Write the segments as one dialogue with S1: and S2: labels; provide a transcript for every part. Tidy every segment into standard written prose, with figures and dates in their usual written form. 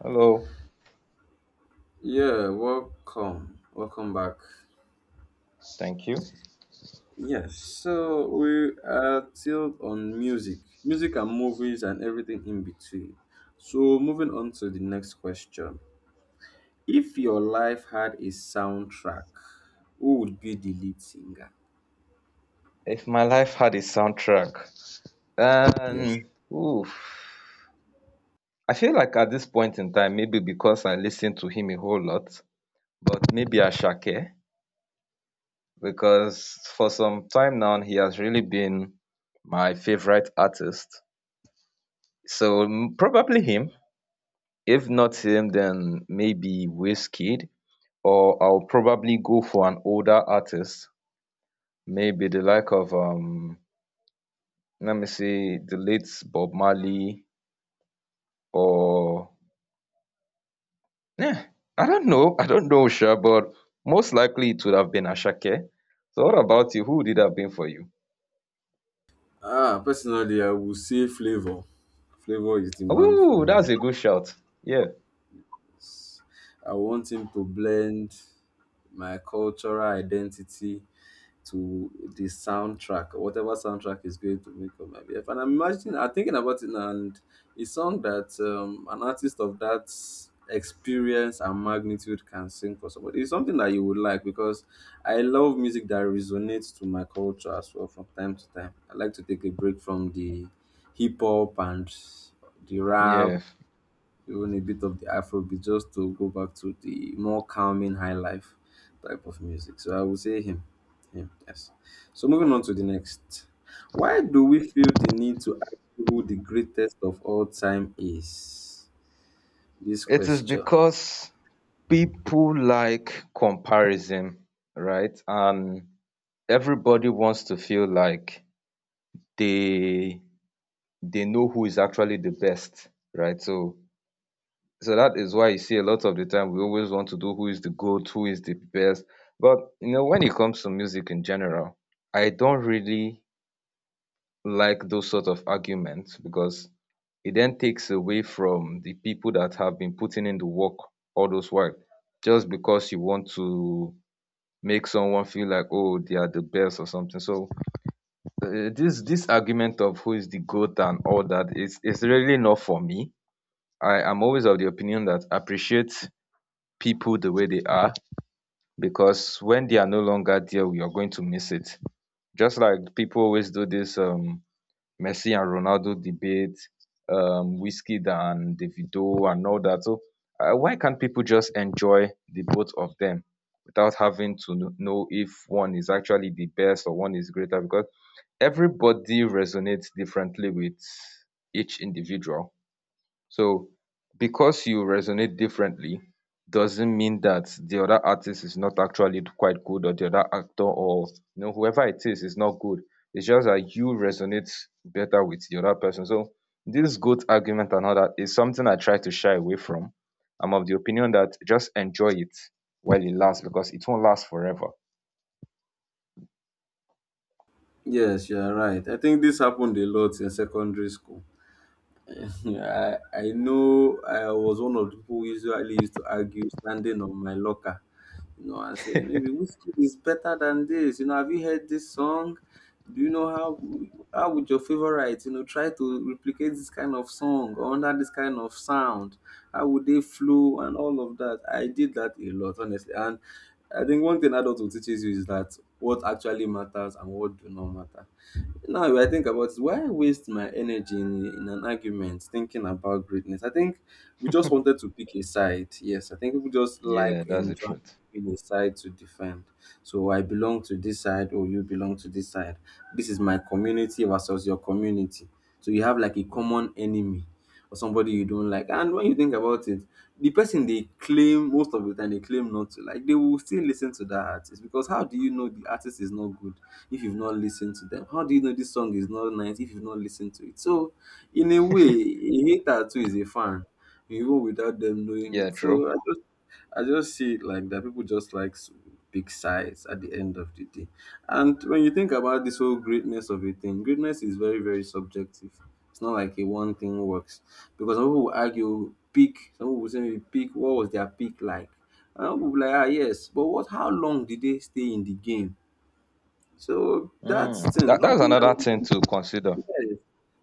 S1: Hello.
S2: Yeah, welcome. Welcome back.
S1: Thank you.
S2: Yes, so we are still on music and movies and everything in between. So, moving on to the next question. If your life had a soundtrack, who would be the lead singer?
S1: If my life had a soundtrack,
S2: Yes.
S1: um, oof. I feel like at this point in time, maybe because I listen to him a whole lot, but maybe Ashake, because for some time now he has really been my favorite artist. So probably him. If not him, then maybe Wizkid, or I'll probably go for an older artist, maybe the like of let me see, the late Bob Marley or yeah, I don't know. I don't know, sure, but most likely it would have been Ashake. So what about you? Who would it have been for you?
S2: Ah, personally, I would say Flavor. Flavor is the man for
S1: Ooh,
S2: me.
S1: that's a good shout. Yeah.
S2: I want him to blend my cultural identity to the soundtrack or whatever soundtrack is going to make up my BF. And I'm imagining, I'm thinking about it now, and a song that an artist of that experience and magnitude can sing for somebody is something that you would like, because I love music that resonates to my culture as well. From time to time, I like to take a break from the hip hop and the
S1: Yeah.
S2: rap, even a bit of the Afrobeat, just to go back to the more calming high life type of music. So I would say him. Him, yes. So moving on to the next. Why do we feel the need to ask who the greatest of all time is? This
S1: It is
S2: question.
S1: because people like comparison, right? And everybody wants to feel like they they know who is actually the best, right? So so that is why you see a lot of the time we always want to do who is the GOAT, who is the best. But you know, when it comes to music in general, I don't really like those sort of arguments because it then takes away from the people that have been putting in the work all those while. Just because you want to make someone feel like oh they are the best or something. So this argument of who is the GOAT and all that is really not for me. I am always of the opinion that appreciate people the way they are because when they are no longer there, we are going to miss it. Just like people always do this Messi and Ronaldo debate, Whiskey and Davido and all that. So why can't people just enjoy the both of them without having to know if one is actually the best or one is greater? Because everybody resonates differently with each individual. So because you resonate differently doesn't mean that the other artist is not actually quite good or the other actor or you know whoever it is not good. It's just that you resonate better with the other person. So this goat argument and all that is something I try to shy away from. I'm of the opinion that just enjoy it while it lasts because it won't last forever.
S2: Yes, you are right. I think this happened a lot in secondary school. I know I was one of the people who usually used to argue standing on my locker, you know, and saying maybe Whiskey is better than this. You know, have you heard this song? Do you know how would your favorite, try to replicate this kind of song or under this kind of sound? How would they flow and all of that? I did that a lot, honestly. And I think one thing adulthood teaches you is that what actually matters and what do not matter. Now I think about it, why waste my energy in an argument thinking about greatness? I think we just wanted to pick a side. Yes, I think we just like
S1: Yeah, that's the
S2: enjoying
S1: truth.
S2: picking a side to defend. So I belong to this side, or you belong to this side. This is my community versus your community. So you have like a common enemy or somebody you don't like. And when you think about it, the person they claim most of the time they claim not to like, they will still listen to that artist, because how do you know the artist is not good if you've not listened to them? How do you know this song is not nice if you've not listened to it? So, in a way, a hater too is a fan, even without them knowing
S1: Yeah,
S2: it.
S1: true.
S2: So, I just see it like that. People just like big sides at the end of the day. And when you think about this whole greatness of a thing, greatness is very, very subjective. It's not like a one thing works. Because some people will argue peak, some people will say maybe peak, what was their peak like? And some people will be like, ah, yes, but what? How long did they stay in the game? So
S1: Mm.
S2: that's thing.
S1: That
S2: How do
S1: that's
S2: you
S1: another thing
S2: now?
S1: to consider.
S2: Yes,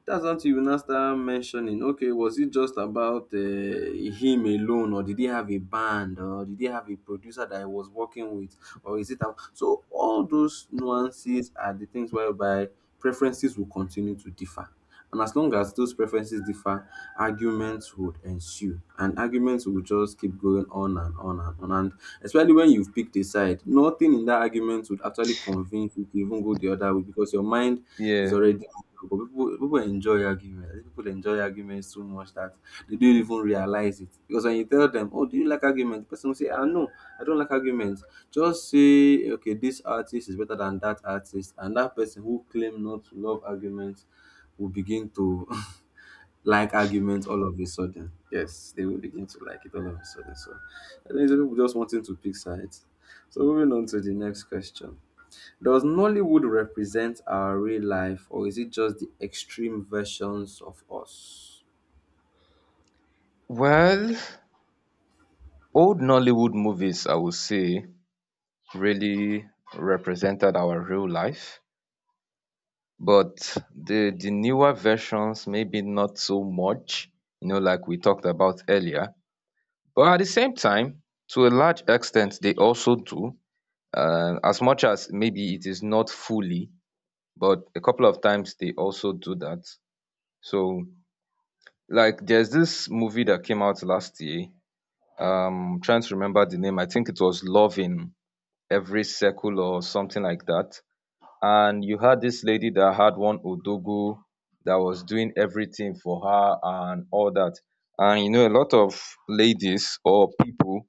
S2: that's what you will now start mentioning. Okay, was it just about him alone, or did he have a band, or did he have a producer that he was working with, or is it? So all those nuances are the things whereby preferences will continue to differ, and as long as those preferences differ, arguments would ensue, and arguments will just keep going on and on and on. And especially when you've picked a side, nothing in that argument would actually convince you to even go the other way, because your mind is
S1: Yeah.
S2: already. But people enjoy arguments. I think people enjoy arguments so much that they don't even realize it. Because when you tell them, "Oh, do you like arguments?" The person will say, "Ah, no, I don't like arguments." Just say, "Okay, this artist is better than that artist," and that person who claim not to love arguments will begin to like arguments all of a sudden. Yes, they will begin to like it all of a sudden. So I think some people just wanting to pick sides. So moving on to the next question. Does Nollywood represent our real life, or is it just the extreme versions of us?
S1: Well, old Nollywood movies, I would say, really represented our real life, but the newer versions maybe not so much, you know, like we talked about earlier. But at the same time, to a large extent, they also do. As much as maybe it is not fully, but a couple of times they also do that. So, like, there's this movie that came out last year. Trying to remember the name. I think it was Loving Every Circle or something like that. And you had this lady that had one Odogo that was doing everything for her and all that. And you know, a lot of ladies or people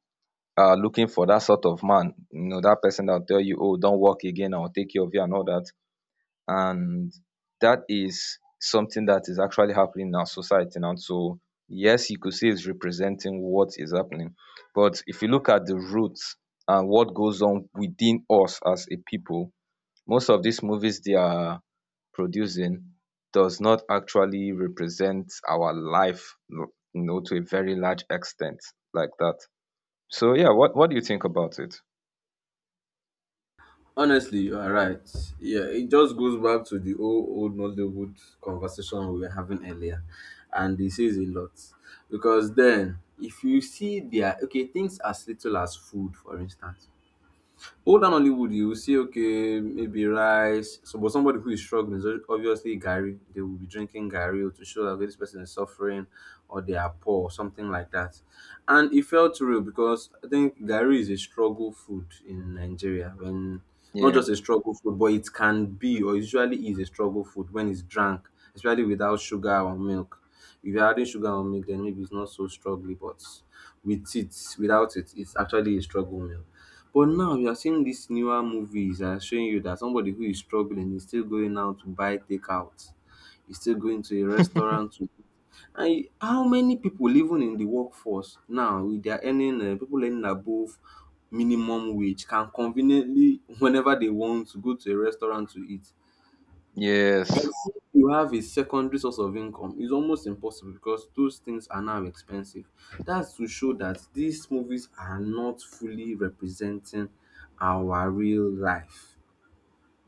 S1: are looking for that sort of man. You know, that person that'll tell you, oh, don't work again, I'll take care of you and all that, and that is something that is actually happening in our society now. So yes, you could say it's representing what is happening, but if you look at the roots and what goes on within us as a people, most of these movies they are producing does not actually represent our life, you know, to a very large extent like that. So yeah, what do you think about it?
S2: Honestly, you are right. Yeah, it just goes back to the old Nollywood conversation we were having earlier, and this is a lot. Because then, if you see their okay, things as little as food, for instance. Old and Hollywood, you will see, okay, maybe rice. So, but somebody who is struggling is obviously Gary. They will be drinking Gary to show that, okay, this person is suffering or they are poor or something like that. And it felt real, because I think Gary is a struggle food in Nigeria. When, not
S1: Yeah.
S2: just a struggle food, but it can be or usually is a struggle food when it's drunk, especially without sugar or milk. If you're adding sugar or milk, then maybe it's not so struggling, but with it, without it, it's actually a struggle meal. But now you are seeing these newer movies that are showing you that somebody who is struggling is still going out to buy takeout, is still going to a restaurant to, and how many people even in the workforce now with their earning, people earning above minimum wage, can conveniently whenever they want to go to a restaurant to eat.
S1: Yes.
S2: Except you have a secondary source of income, it's almost impossible because those things are now expensive. That's to show that these movies are not fully representing our real life.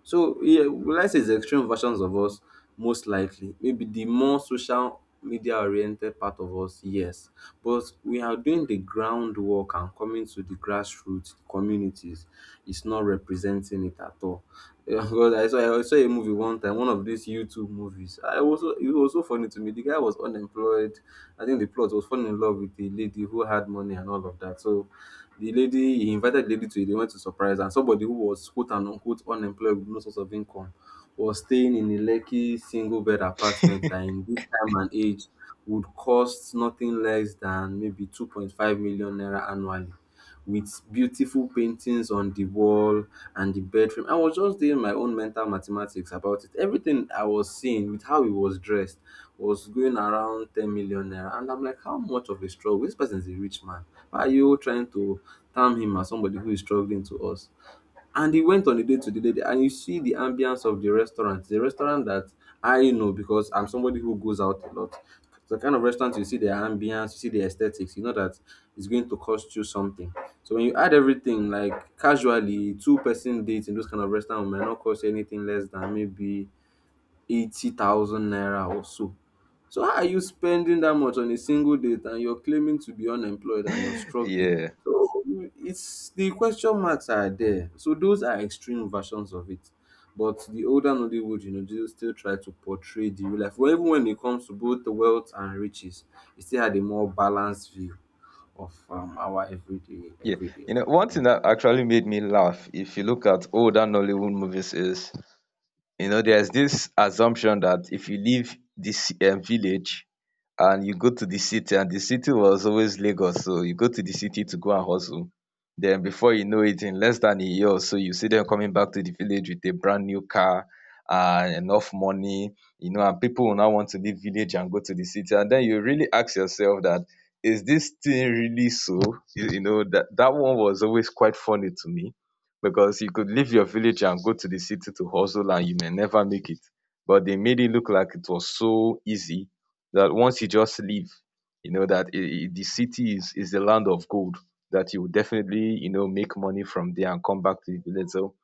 S2: So yeah, will I say it's extreme versions of us? Most likely. Maybe the more social media oriented part of us, yes. But we are doing the groundwork and coming to the grassroots communities, it's not representing it at all. Yeah. Because I saw a movie one time, one of these YouTube movies. I also, it was so funny to me. The guy was unemployed. I think the plot was falling in love with a lady who had money and all of that. So the lady, he invited the lady to, they went to surprise her. And somebody who was quote and unquote unemployed with no source of income was staying in a lucky single bed apartment that in this time and age would cost nothing less than maybe 2.5 million naira annually, with beautiful paintings on the wall and the bedroom. I was just doing my own mental mathematics about it. Everything I was seeing with how he was dressed was going around 10 million naira. And I'm like, how much of a struggle? This person is a rich man. Why are you trying to term him as somebody who is struggling to us? And he went on a date to the lady, and you see the ambience of the restaurant. The restaurant that I know, because I'm somebody who goes out a lot. The kind of restaurant you see the ambience, you see the aesthetics, you know that it's going to cost you something. So when you add everything, like casually, two-person dates in those kind of restaurant might not cost you anything less than maybe 80,000 naira or so. So how are you spending that much on a single date and you're claiming to be unemployed and you're struggling?
S1: Yeah.
S2: So it's, the question marks are there. So those are extreme versions of it. But the older Nollywood, they still try to portray the real life. Well, even when it comes to both the wealth and riches, it still had a more balanced view of our everyday
S1: Yeah,
S2: everyday
S1: you know,
S2: life.
S1: one thing that actually made me laugh, if you look at older Nollywood movies, is you know, there's this assumption that if you leave this village and you go to the city, and the city was always Lagos, so you go to the city to go and hustle. Then before you know it, in less than a year or so, you see them coming back to the village with a brand new car and enough money, you know, and people will now want to leave village and go to the city. And then you really ask yourself that is this thing really so? You know, that, that one was always quite funny to me because you could leave your village and go to the city to hustle and you may never make it. But they made it look like it was so easy that once you just leave, you know that the city is the land of gold that you will definitely you know make money from there and come back to the village. So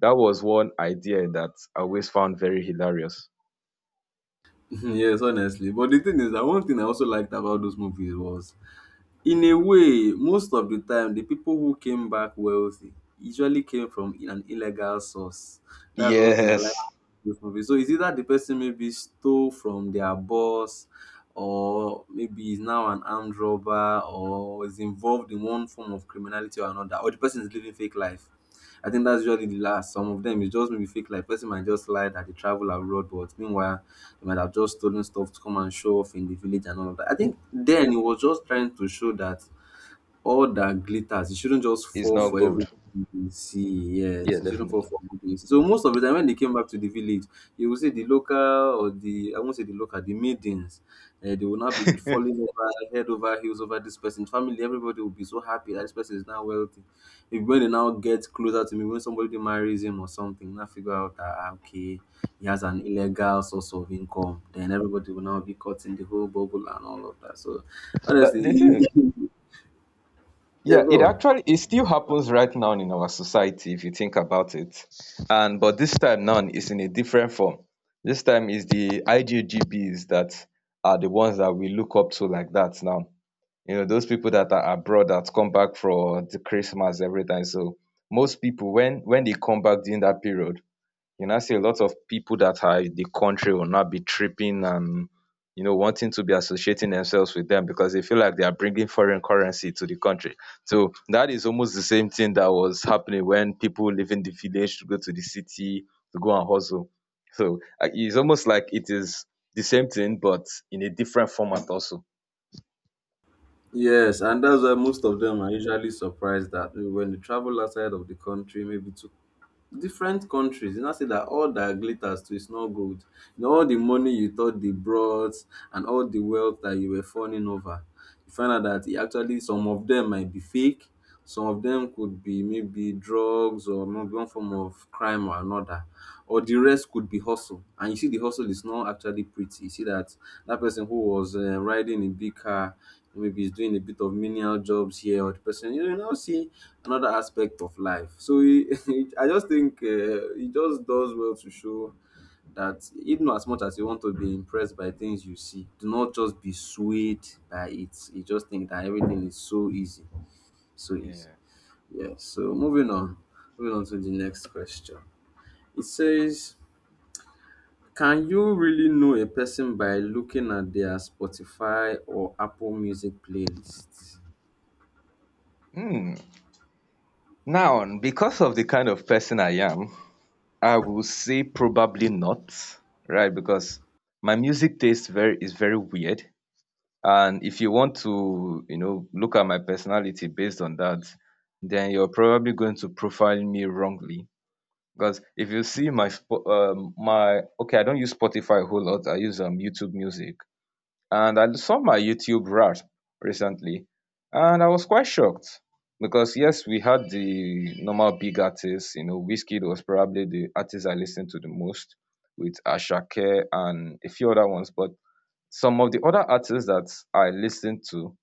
S1: that was one idea that I always found very hilarious.
S2: Yes, honestly. But the thing is that one thing I also liked about those movies was, in a way, most of the time, the people who came back wealthy usually came from an illegal source. That's one thing I like
S1: Yes.
S2: about this movie. So it's either the person maybe stole from their boss, or maybe is now an armed robber, or is involved in one form of criminality or another, or the person is living fake life. I think that's usually the last. Some of them is just maybe fake, like person might just lie that they travel abroad, but meanwhile they might have just stolen stuff to come and show off in the village and all of that. I
S1: Yeah.
S2: think then it was just trying to show that all that glitters, it shouldn't just
S1: It's
S2: fall
S1: not
S2: for
S1: gold.
S2: everything you see.
S1: Yeah,
S2: Yes, it shouldn't fall
S1: definitely.
S2: for good things. So most of the time when they came back to the village, you will see the local, or the, I won't say the local, the maidens. They will not be falling over head over heels over this person's family. Everybody will be so happy that this person is now wealthy. If when they now get closer to me, when somebody marries him or something, now figure out that ah, okay, he has an illegal source of income. Then everybody will now be caught in the whole bubble and all of that. So
S1: But the thing
S2: honestly,
S1: is,
S2: yeah,
S1: yeah, it
S2: go on.
S1: actually it still happens right now in our society if you think about it. And but this time now it's in a different form. This time is the IJGBs that are the ones that we look up to like that now. You know, those people that are abroad that come back for the Christmas, everything. So most people when they come back during that period, you know, see a lot of people that are in the country will not be tripping and you know wanting to be associating themselves with them because they feel like they are bringing foreign currency to the country. So that is almost the same thing that was happening when people leaving the village to go to the city to go and hustle. So it's almost like it is the same thing but in a different format also.
S2: Yes, and that's why most of them are usually surprised that when they travel outside of the country, maybe to different countries, you know, say that all that glitters too is not gold. You know, all the money you thought they brought and all the wealth that you were fawning over, you find out that it actually some of them might be fake, some of them could be maybe drugs or maybe one form of crime or another, or the rest could be hustle. And you see, the hustle is not actually pretty. You see that that person who was riding a big car, maybe he's doing a bit of menial jobs here, or the person, you know, you now see another aspect of life. So he, I just think he just does well to show that even as much as you want to be impressed by things you see, do not just be swayed by it. You just think that everything is so easy, so easy.
S1: Yeah.
S2: Yeah, so moving on to the next question. It says, can you really know a person by looking at their Spotify or Apple Music playlist?
S1: Hmm. Now, because of the kind of person I am, I will say probably not, right? Because my music taste very is very weird. And if you want to, you know, look at my personality based on that, then you're probably going to profile me wrongly. Because if you see my, my, okay, I don't use Spotify a whole lot. I use YouTube Music and I saw my YouTube rap recently, and I was quite shocked because yes, we had the normal big artists. You know, Wizkid was probably the artist I listened to the most, with Ashake and a few other ones. But some of the other artists that I listened to,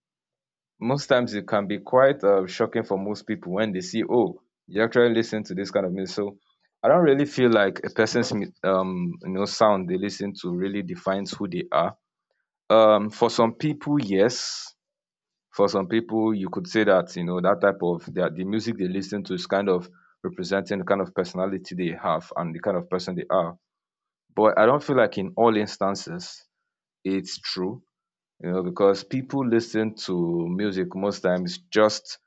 S1: most times it can be quite shocking for most people when they see, oh, you actually listen to this kind of music. So I don't really feel like a person's you know sound they listen to really defines who they are, for some people, yes. For some people, you could say that you know that type of that the music they listen to is kind of representing the kind of personality they have and the kind of person they are. But I don't feel like in all instances it's true, you know, because people listen to music most times just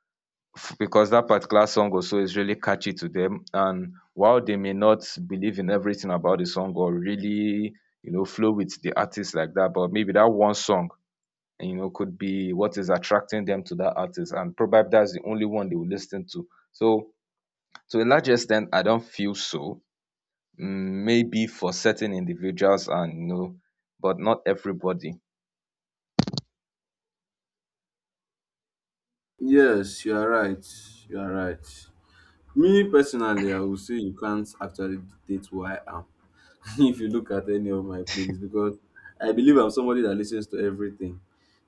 S1: because that particular song also is really catchy to them. And while they may not believe in everything about the song or really, you know, flow with the artist like that, but maybe that one song you know could be what is attracting them to that artist and probably that's the only one they will listen to, so to a large extent I don't feel so. Mm, maybe for certain individuals and you know, but not everybody.
S2: Yes, you are right. You are right. Me personally, I would say you can't actually dictate who I am. If you look at any of my playlists, because I believe I'm somebody that listens to everything.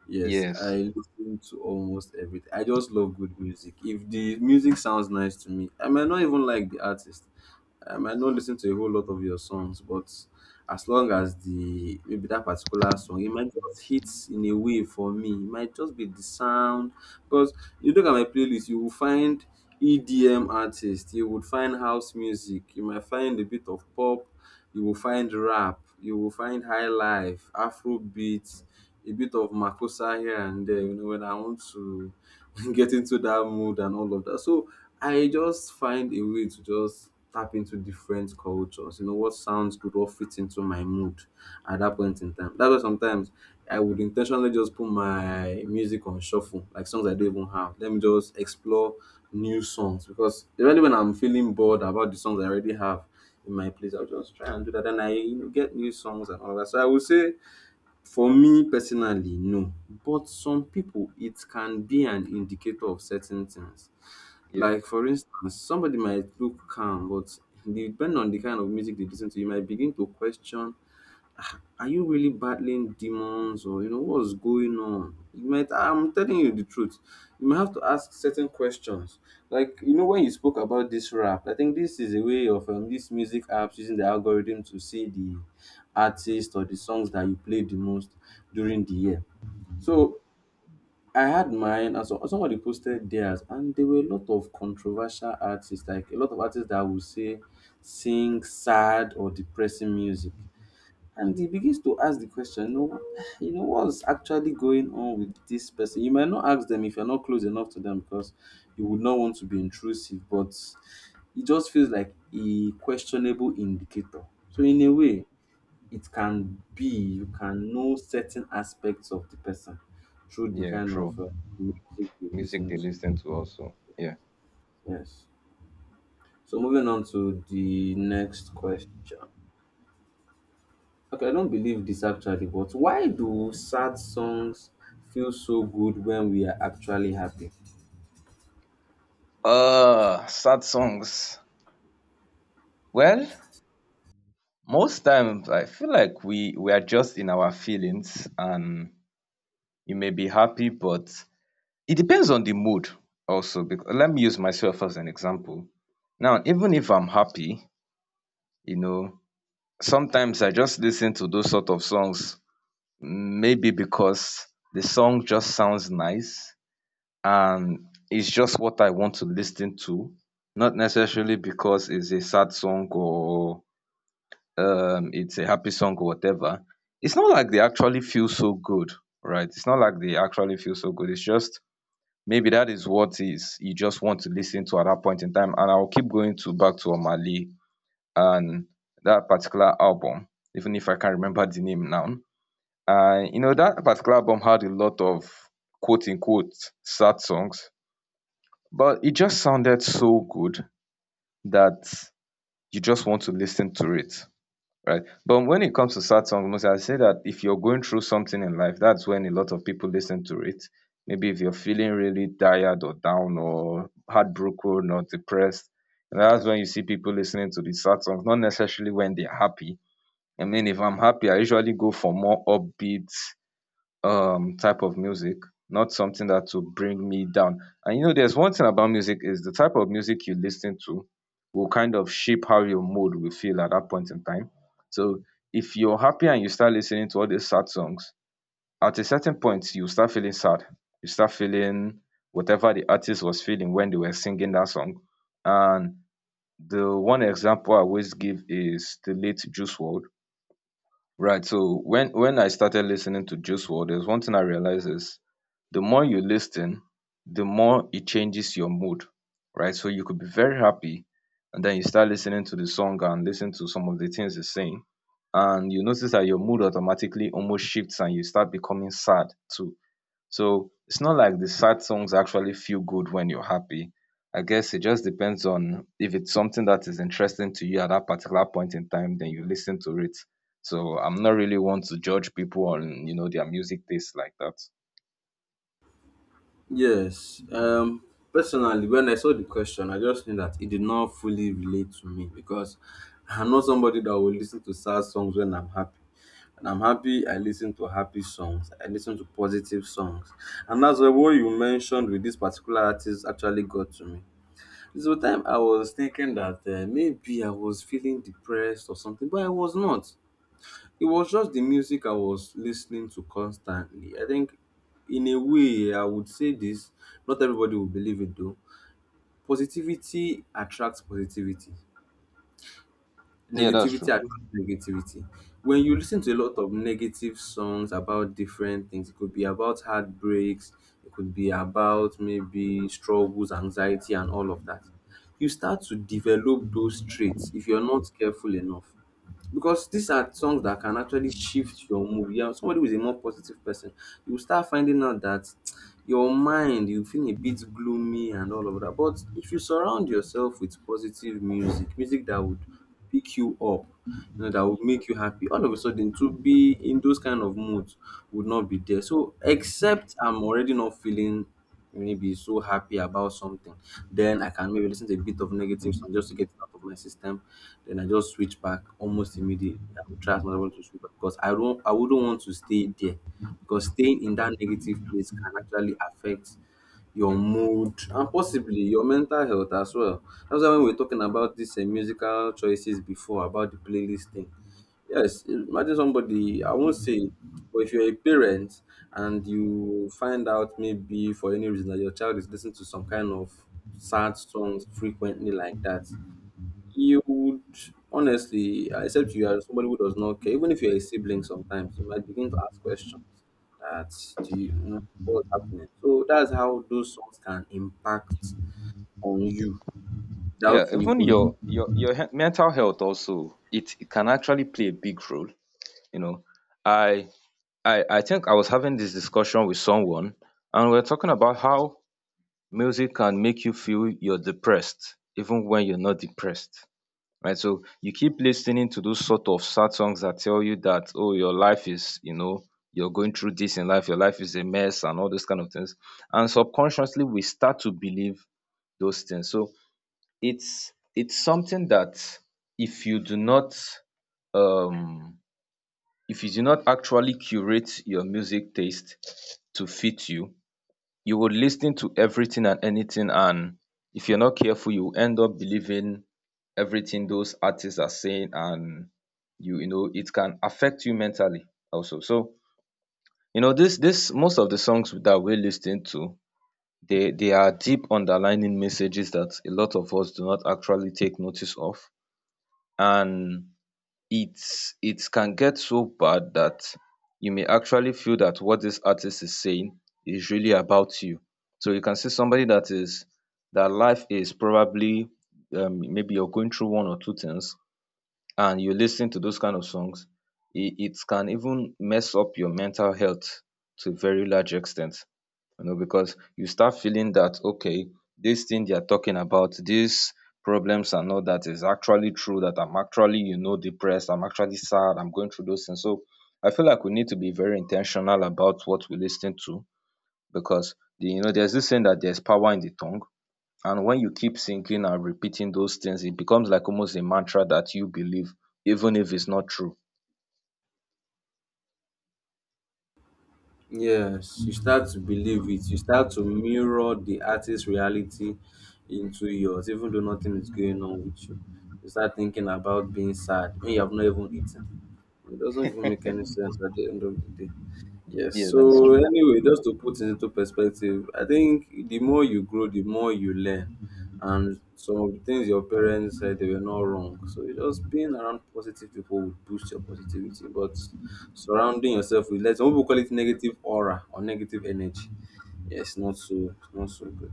S2: Yes,
S1: Yes.
S2: I listen to almost everything. I just love good music. If the music sounds nice to me, I might not even like the artist. I might not listen to a whole lot of your songs, but as long as the maybe that particular song, it might just hit in a way for me. It might just be the sound. Because you look at my playlist, you will find EDM artists, you would find house music, you might find a bit of pop, you will find rap, you will find high life, Afro beats, a bit of makossa here and there, you know, when I want to get into that mood and all of that. So I just find a way to just tap into different cultures, you know, what sounds good or fit into my mood at that point in time. That's why sometimes I would intentionally just put my music on shuffle, like songs I don't even have. Let me just explore new songs, because even when I'm feeling bored about the songs I already have in my place, I'll just try and do that. And I, you know, get new songs and all that. So I would say, for me personally, no. But some people, it can be an indicator of certain things.
S1: Yeah.
S2: Like, for instance, somebody might look calm, but depending on the kind of music they listen to, you might begin to question, are you really battling demons or you know what's going on? You might, I'm telling you the truth. You might have to ask certain questions. Like you know when you spoke about this rap, I think this is a way of these music apps using the algorithm to see the artist or the songs that you play the most during the year. So I had mine and so somebody posted theirs and there were a lot of controversial artists, like a lot of artists that would say, sing sad or depressing music, and he begins to ask the question, you know, you know what's actually going on with this person. You might not ask them if you're not close enough to them because you would not want to be intrusive, but it just feels like a questionable indicator. So in a way, it can be, you can know certain aspects of the person through the
S1: Yeah,
S2: kind of
S1: true.
S2: music you
S1: Music
S2: listen
S1: they
S2: to.
S1: listen to also, yeah.
S2: Yes. So moving on to the next question. Okay, I don't believe this actually, but why do sad songs feel so good when we are actually happy?
S1: Uh, sad songs, well, most times I feel like we are just in our feelings and you may be happy but it depends on the mood also. Bec Let me use myself as an example. Now even if I'm happy, you know, sometimes I just listen to those sort of songs maybe because the song just sounds nice and it's just what I want to listen to, not necessarily because it's a sad song or it's a happy song or whatever. It's not like they actually feel so good, right? It's not like they actually feel so good. It's just maybe that is what is you just want to listen to at that point in time, and I will keep going to back to Omah and that particular album, even if I can't remember the name now. And you know that particular album had a lot of quote unquote sad songs, but it just sounded so good that you just want to listen to it, right? But when it comes to sad songs, most I say that if you're going through something in life, that's when a lot of people listen to it. Maybe if you're feeling really tired or down or heartbroken or depressed, and that's when you see people listening to the sad songs, not necessarily when they're happy. I mean, if I'm happy, I usually go for more upbeat type of music, not something that will bring me down. And you know, there's one thing about music is the type of music you listen to will kind of shape how your mood will feel at that point in time. So if you're happy and you start listening to all these sad songs, at a certain point you start feeling sad. You start feeling whatever the artist was feeling when they were singing that song. And the one example I always give is the late Juice World. Right. So when I started listening to Juice WRLD, there's one thing I realized is the more you listen, the more it changes your mood, right? So you could be very happy, and then you start listening to the song and listen to some of the things he's saying, and you notice that your mood automatically almost shifts, and you start becoming sad too. So it's not like the sad songs actually feel good when you're happy. I guess it just depends on if it's something that is interesting to you at that particular point in time, then you listen to it. So I'm not really one to judge people on, you know, their music taste like that.
S2: Yes. Personally when I saw the question I just knew that it did not fully relate to me because I'm not somebody that will listen to sad songs when I'm happy. When I'm happy, I listen to happy songs. I listen to positive songs. And that's why what you mentioned with this particular artist actually got to me. So time I was thinking that maybe I was feeling depressed or something, but I was not. It was just the music I was listening to constantly. I think, in a way, I would say this. Not everybody will believe it though. Positivity attracts positivity.
S1: Yeah, that's
S2: Negativity
S1: true.
S2: attracts negativity. When you listen to a lot of negative songs about different things, it could be about heartbreaks, it could be about maybe struggles, anxiety, and all of that. You start to develop those traits if you're not careful enough because these are songs that can actually shift your mood. Yeah, somebody who is a more positive person, you will start finding out that your mind, you feel a bit gloomy and all of that. But if you surround yourself with positive music, music that would pick you up, you know, that would make you happy, all of a sudden to be in those kind of moods would not be there. So except I'm already not feeling really be so happy about something. Then I can maybe listen to a bit of negative song just to get it out of my system. Then I just switch back almost immediately. I will try as much as I want to switch back because I wouldn't want to stay there. Because staying in that negative place can actually affect your mood and possibly your mental health as well. That's why when we were talking about these musical choices before about the playlist thing, yes, imagine somebody, I won't say, but if you're a parent and you find out maybe for any reason that your child is listening to some kind of sad songs frequently like that, you would honestly, except you are somebody who does not care, even if you're a sibling sometimes, you might begin to ask questions that, do you, you know what's happening? So that's how those songs can impact on you
S1: Yeah,
S2: without you
S1: even
S2: even,
S1: mental health also, it can actually play a big role. You know, I I think I was having this discussion with someone, and we are talking about how music can make you feel you're depressed even when you're not depressed, right? So you keep listening to those sort of sad songs that tell you that, oh, your life is, you know, you're going through this in life, your life is a mess, and all those kind of things. And subconsciously, we start to believe those things. So it's something that if you do not um if you do not actually curate your music taste to fit you, you would listen to everything and anything, and if you're not careful you end up believing everything those artists are saying, and you know it can affect you mentally also. So you know, this most of the songs that we are listening to, they are deep underlining messages that a lot of us do not actually take notice of. And it's it can get so bad that you may actually feel that what this artist is saying is really about you. So you can see somebody that is that life is probably maybe you're going through one or two things and you listen to those kind of songs, it can even mess up your mental health to a very large extent. You know, because you start feeling that okay, this thing they are talking about, these problems and all that is actually true, that I'm actually, you know, depressed, I'm actually sad, I'm going through those things. So I feel like we need to be very intentional about what we listen to, because you know, there's this saying that there's power in the tongue, and when you keep thinking and repeating those things, it becomes like almost a mantra that you believe, even if it's not true.
S2: yes, you start to believe it. You start to mirror the artist's reality into yours, even though nothing is going on with you. You start thinking about being sad when you have not even eaten. It doesn't even make any sense at the end of the day. Yes.
S1: Yeah, that's
S2: So
S1: true.
S2: anyway, just to put it into perspective, I think the more you grow, the more you learn. And some of the things your parents said they were not wrong. So it's just, being around positive people will boost your positivity. But surrounding yourself with, let some people call it negative aura or negative energy. Yes, not, so it's not so good.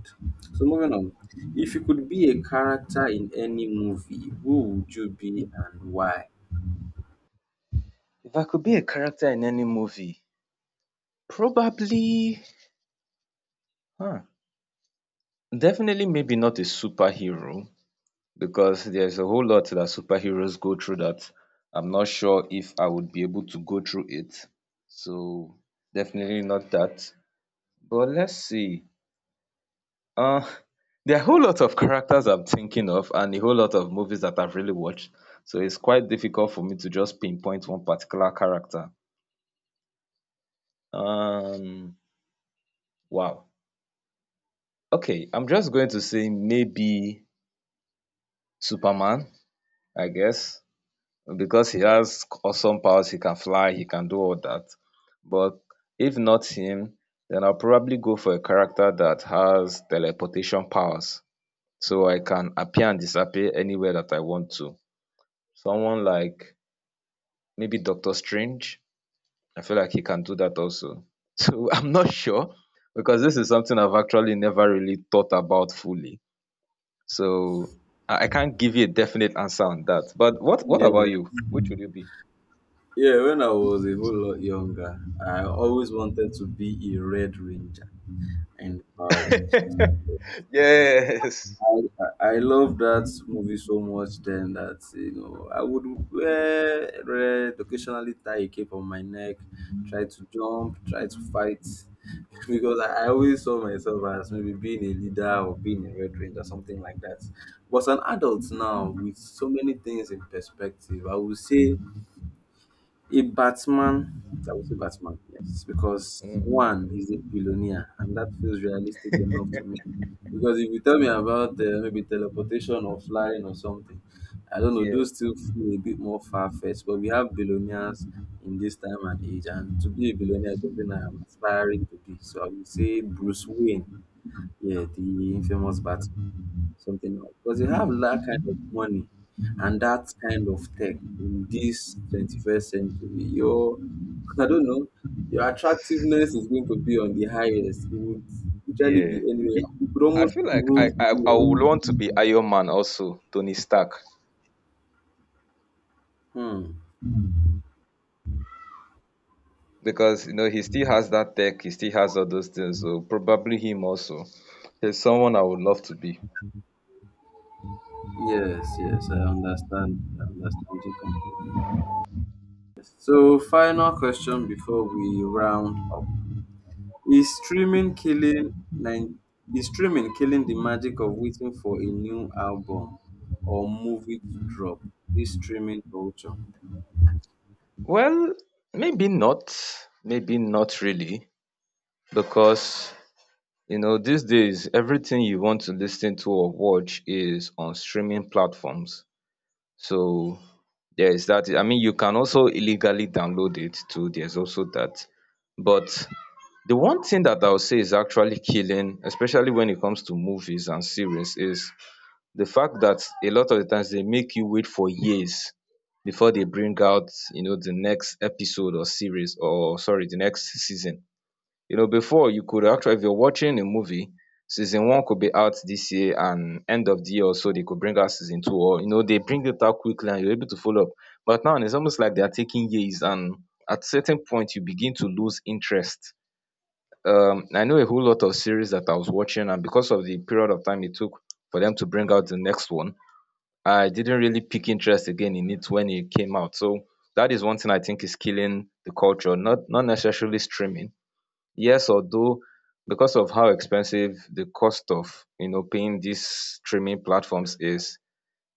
S2: So moving on. If you could be a character in any movie, who would you be and why?
S1: If I could be a character in any movie, probably, huh, definitely maybe not a superhero, because there's a whole lot that superheroes go through that I'm not sure if I would be able to go through it. So definitely not that. But let's see. Uh, there are a whole lot of characters I'm thinking of and a whole lot of movies that I've really watched. So it's quite difficult for me to just pinpoint one particular character. Um, wow. Okay, I'm just going to say maybe Superman, I guess, because he has awesome powers. He can fly, he can do all that. But if not him, then I'll probably go for a character that has teleportation powers. So I can appear and disappear anywhere that I want to. Someone like maybe Doctor Strange. I feel like he can do that also. So I'm not sure, because this is something I've actually never really thought about fully. So I can't give you a definite answer on that. But what
S2: Yeah.
S1: about you? Which would you be?
S2: Yeah, when I was a whole lot younger, I always wanted to be a Red Ranger and Power Rangers.
S1: Yes.
S2: I, I love that movie so much then that you know I would wear red, occasionally tie a cape on my neck, try to jump, try to fight, because I always saw myself as maybe being a leader or being a Red Ranger, something like that. But as an adult now, with so many things in perspective, I would say a Batman, I would say Batman, yes, because
S1: Mm,
S2: one, he's a billionaire, and that feels realistic enough to me. Because if you tell me about maybe teleportation or flying or something, I don't know,
S1: yeah.
S2: those still feel a bit more far fetched. But we have billionaires in this time and age, and to be a billionaire is something I am aspiring to be. So I would say Bruce Wayne, yeah, the infamous Batman, something else. Because you have
S1: Mm,
S2: that kind of money and that kind of tech in this 21st century, your I don't know, your attractiveness is going to be on the highest. It would literally be
S1: yeah.
S2: anywhere. You could
S1: I
S2: almost
S1: feel like
S2: rule
S1: I,
S2: the
S1: I I
S2: world.
S1: would want to be Iron Man also, Tony Stark.
S2: Hmm.
S1: Because you know, he still has that tech, he still has all those things. So probably him also is someone I would love to be.
S2: Yes, yes, I understand. I understand you completely. So, final question before we round up. Is streaming killing is streaming killing the magic of waiting for a new album or movie to drop? This streaming culture.
S1: Well, maybe not, maybe not really, because you know these days everything you want to listen to or watch is on streaming platforms. So there is that. I mean, you can also illegally download it too. There's also that, but the one thing that I'll say is actually killing, especially when it comes to movies and series, is the fact that a lot of the times they make you wait for years before they bring out, you know, the next episode or series, or sorry, the next season. You know, before, you could actually, if you're watching a movie, season one could be out this year and end of the year or so they could bring out season two, or you know, they bring it out quickly and you're able to follow up. But now it's almost like they are taking years, and at certain point you begin to lose interest. I know a whole lot of series that I was watching, and because of the period of time it took for them to bring out the next one, I didn't really pick interest again in it when it came out. So that is one thing I think is killing the culture, not not necessarily streaming. Yes, although because of how expensive the cost of, you know, paying these streaming platforms is,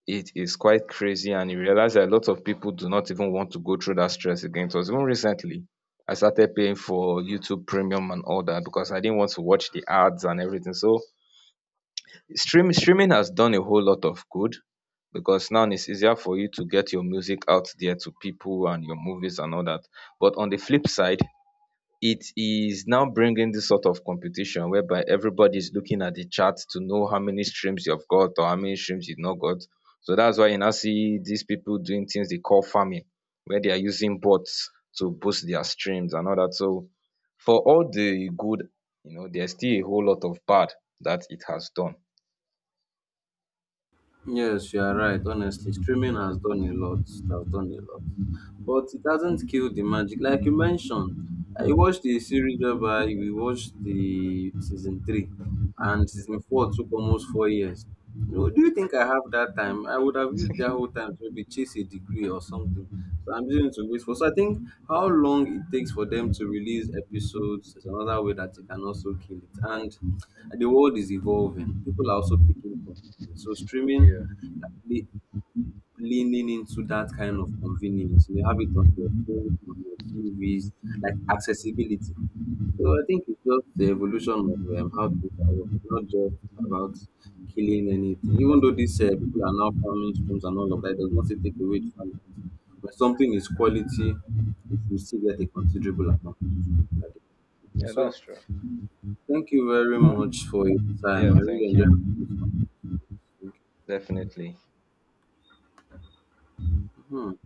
S1: it is quite crazy, and you realize that a lot of people do not even want to go through that stress again. It was even recently I started paying for YouTube Premium and all that because I didn't want to watch the ads and everything. So streaming has done a whole lot of good, because now it's easier for you to get your music out there to people and your movies and all that. But on the flip side, it is now bringing this sort of competition whereby everybody is looking at the chart to know how many streams you've got or how many streams you've not got. So that's why you now see these people doing things they call farming, where they are using bots to boost their streams and all that. So for all the good, you know, there's still a whole lot of bad that it has done.
S2: Yes, you are right. Honestly, streaming has done a lot. It has done a lot. But it hasn't killed the magic. Like you mentioned, I watched the series whereby we watched the season 3 and season 4 took almost 4 years. You know, do you think I have that time? I would have used that whole time to maybe chase a degree or something. So I'm using it to wait for. So I think how long it takes for them to release episodes is another way that they can also kill it. And the world is evolving. People are also picking up on it. So streaming,
S1: Yeah.
S2: le- leaning into that kind of convenience. You have it on your phone, on your TVs, like accessibility. So I think it's just the evolution of how things are working, not just about killing anything. Even though these people are now farming streams and all of that, it does not still take away the fact that when something is quality, you should still get a considerable amount of it.
S1: Yeah,
S2: So
S1: that's true.
S2: thank you very
S1: Uh,
S2: much for your time.
S1: yeah,
S2: I really
S1: thank you.
S2: enjoyed this conversation.
S1: Definitely.
S2: Mhm.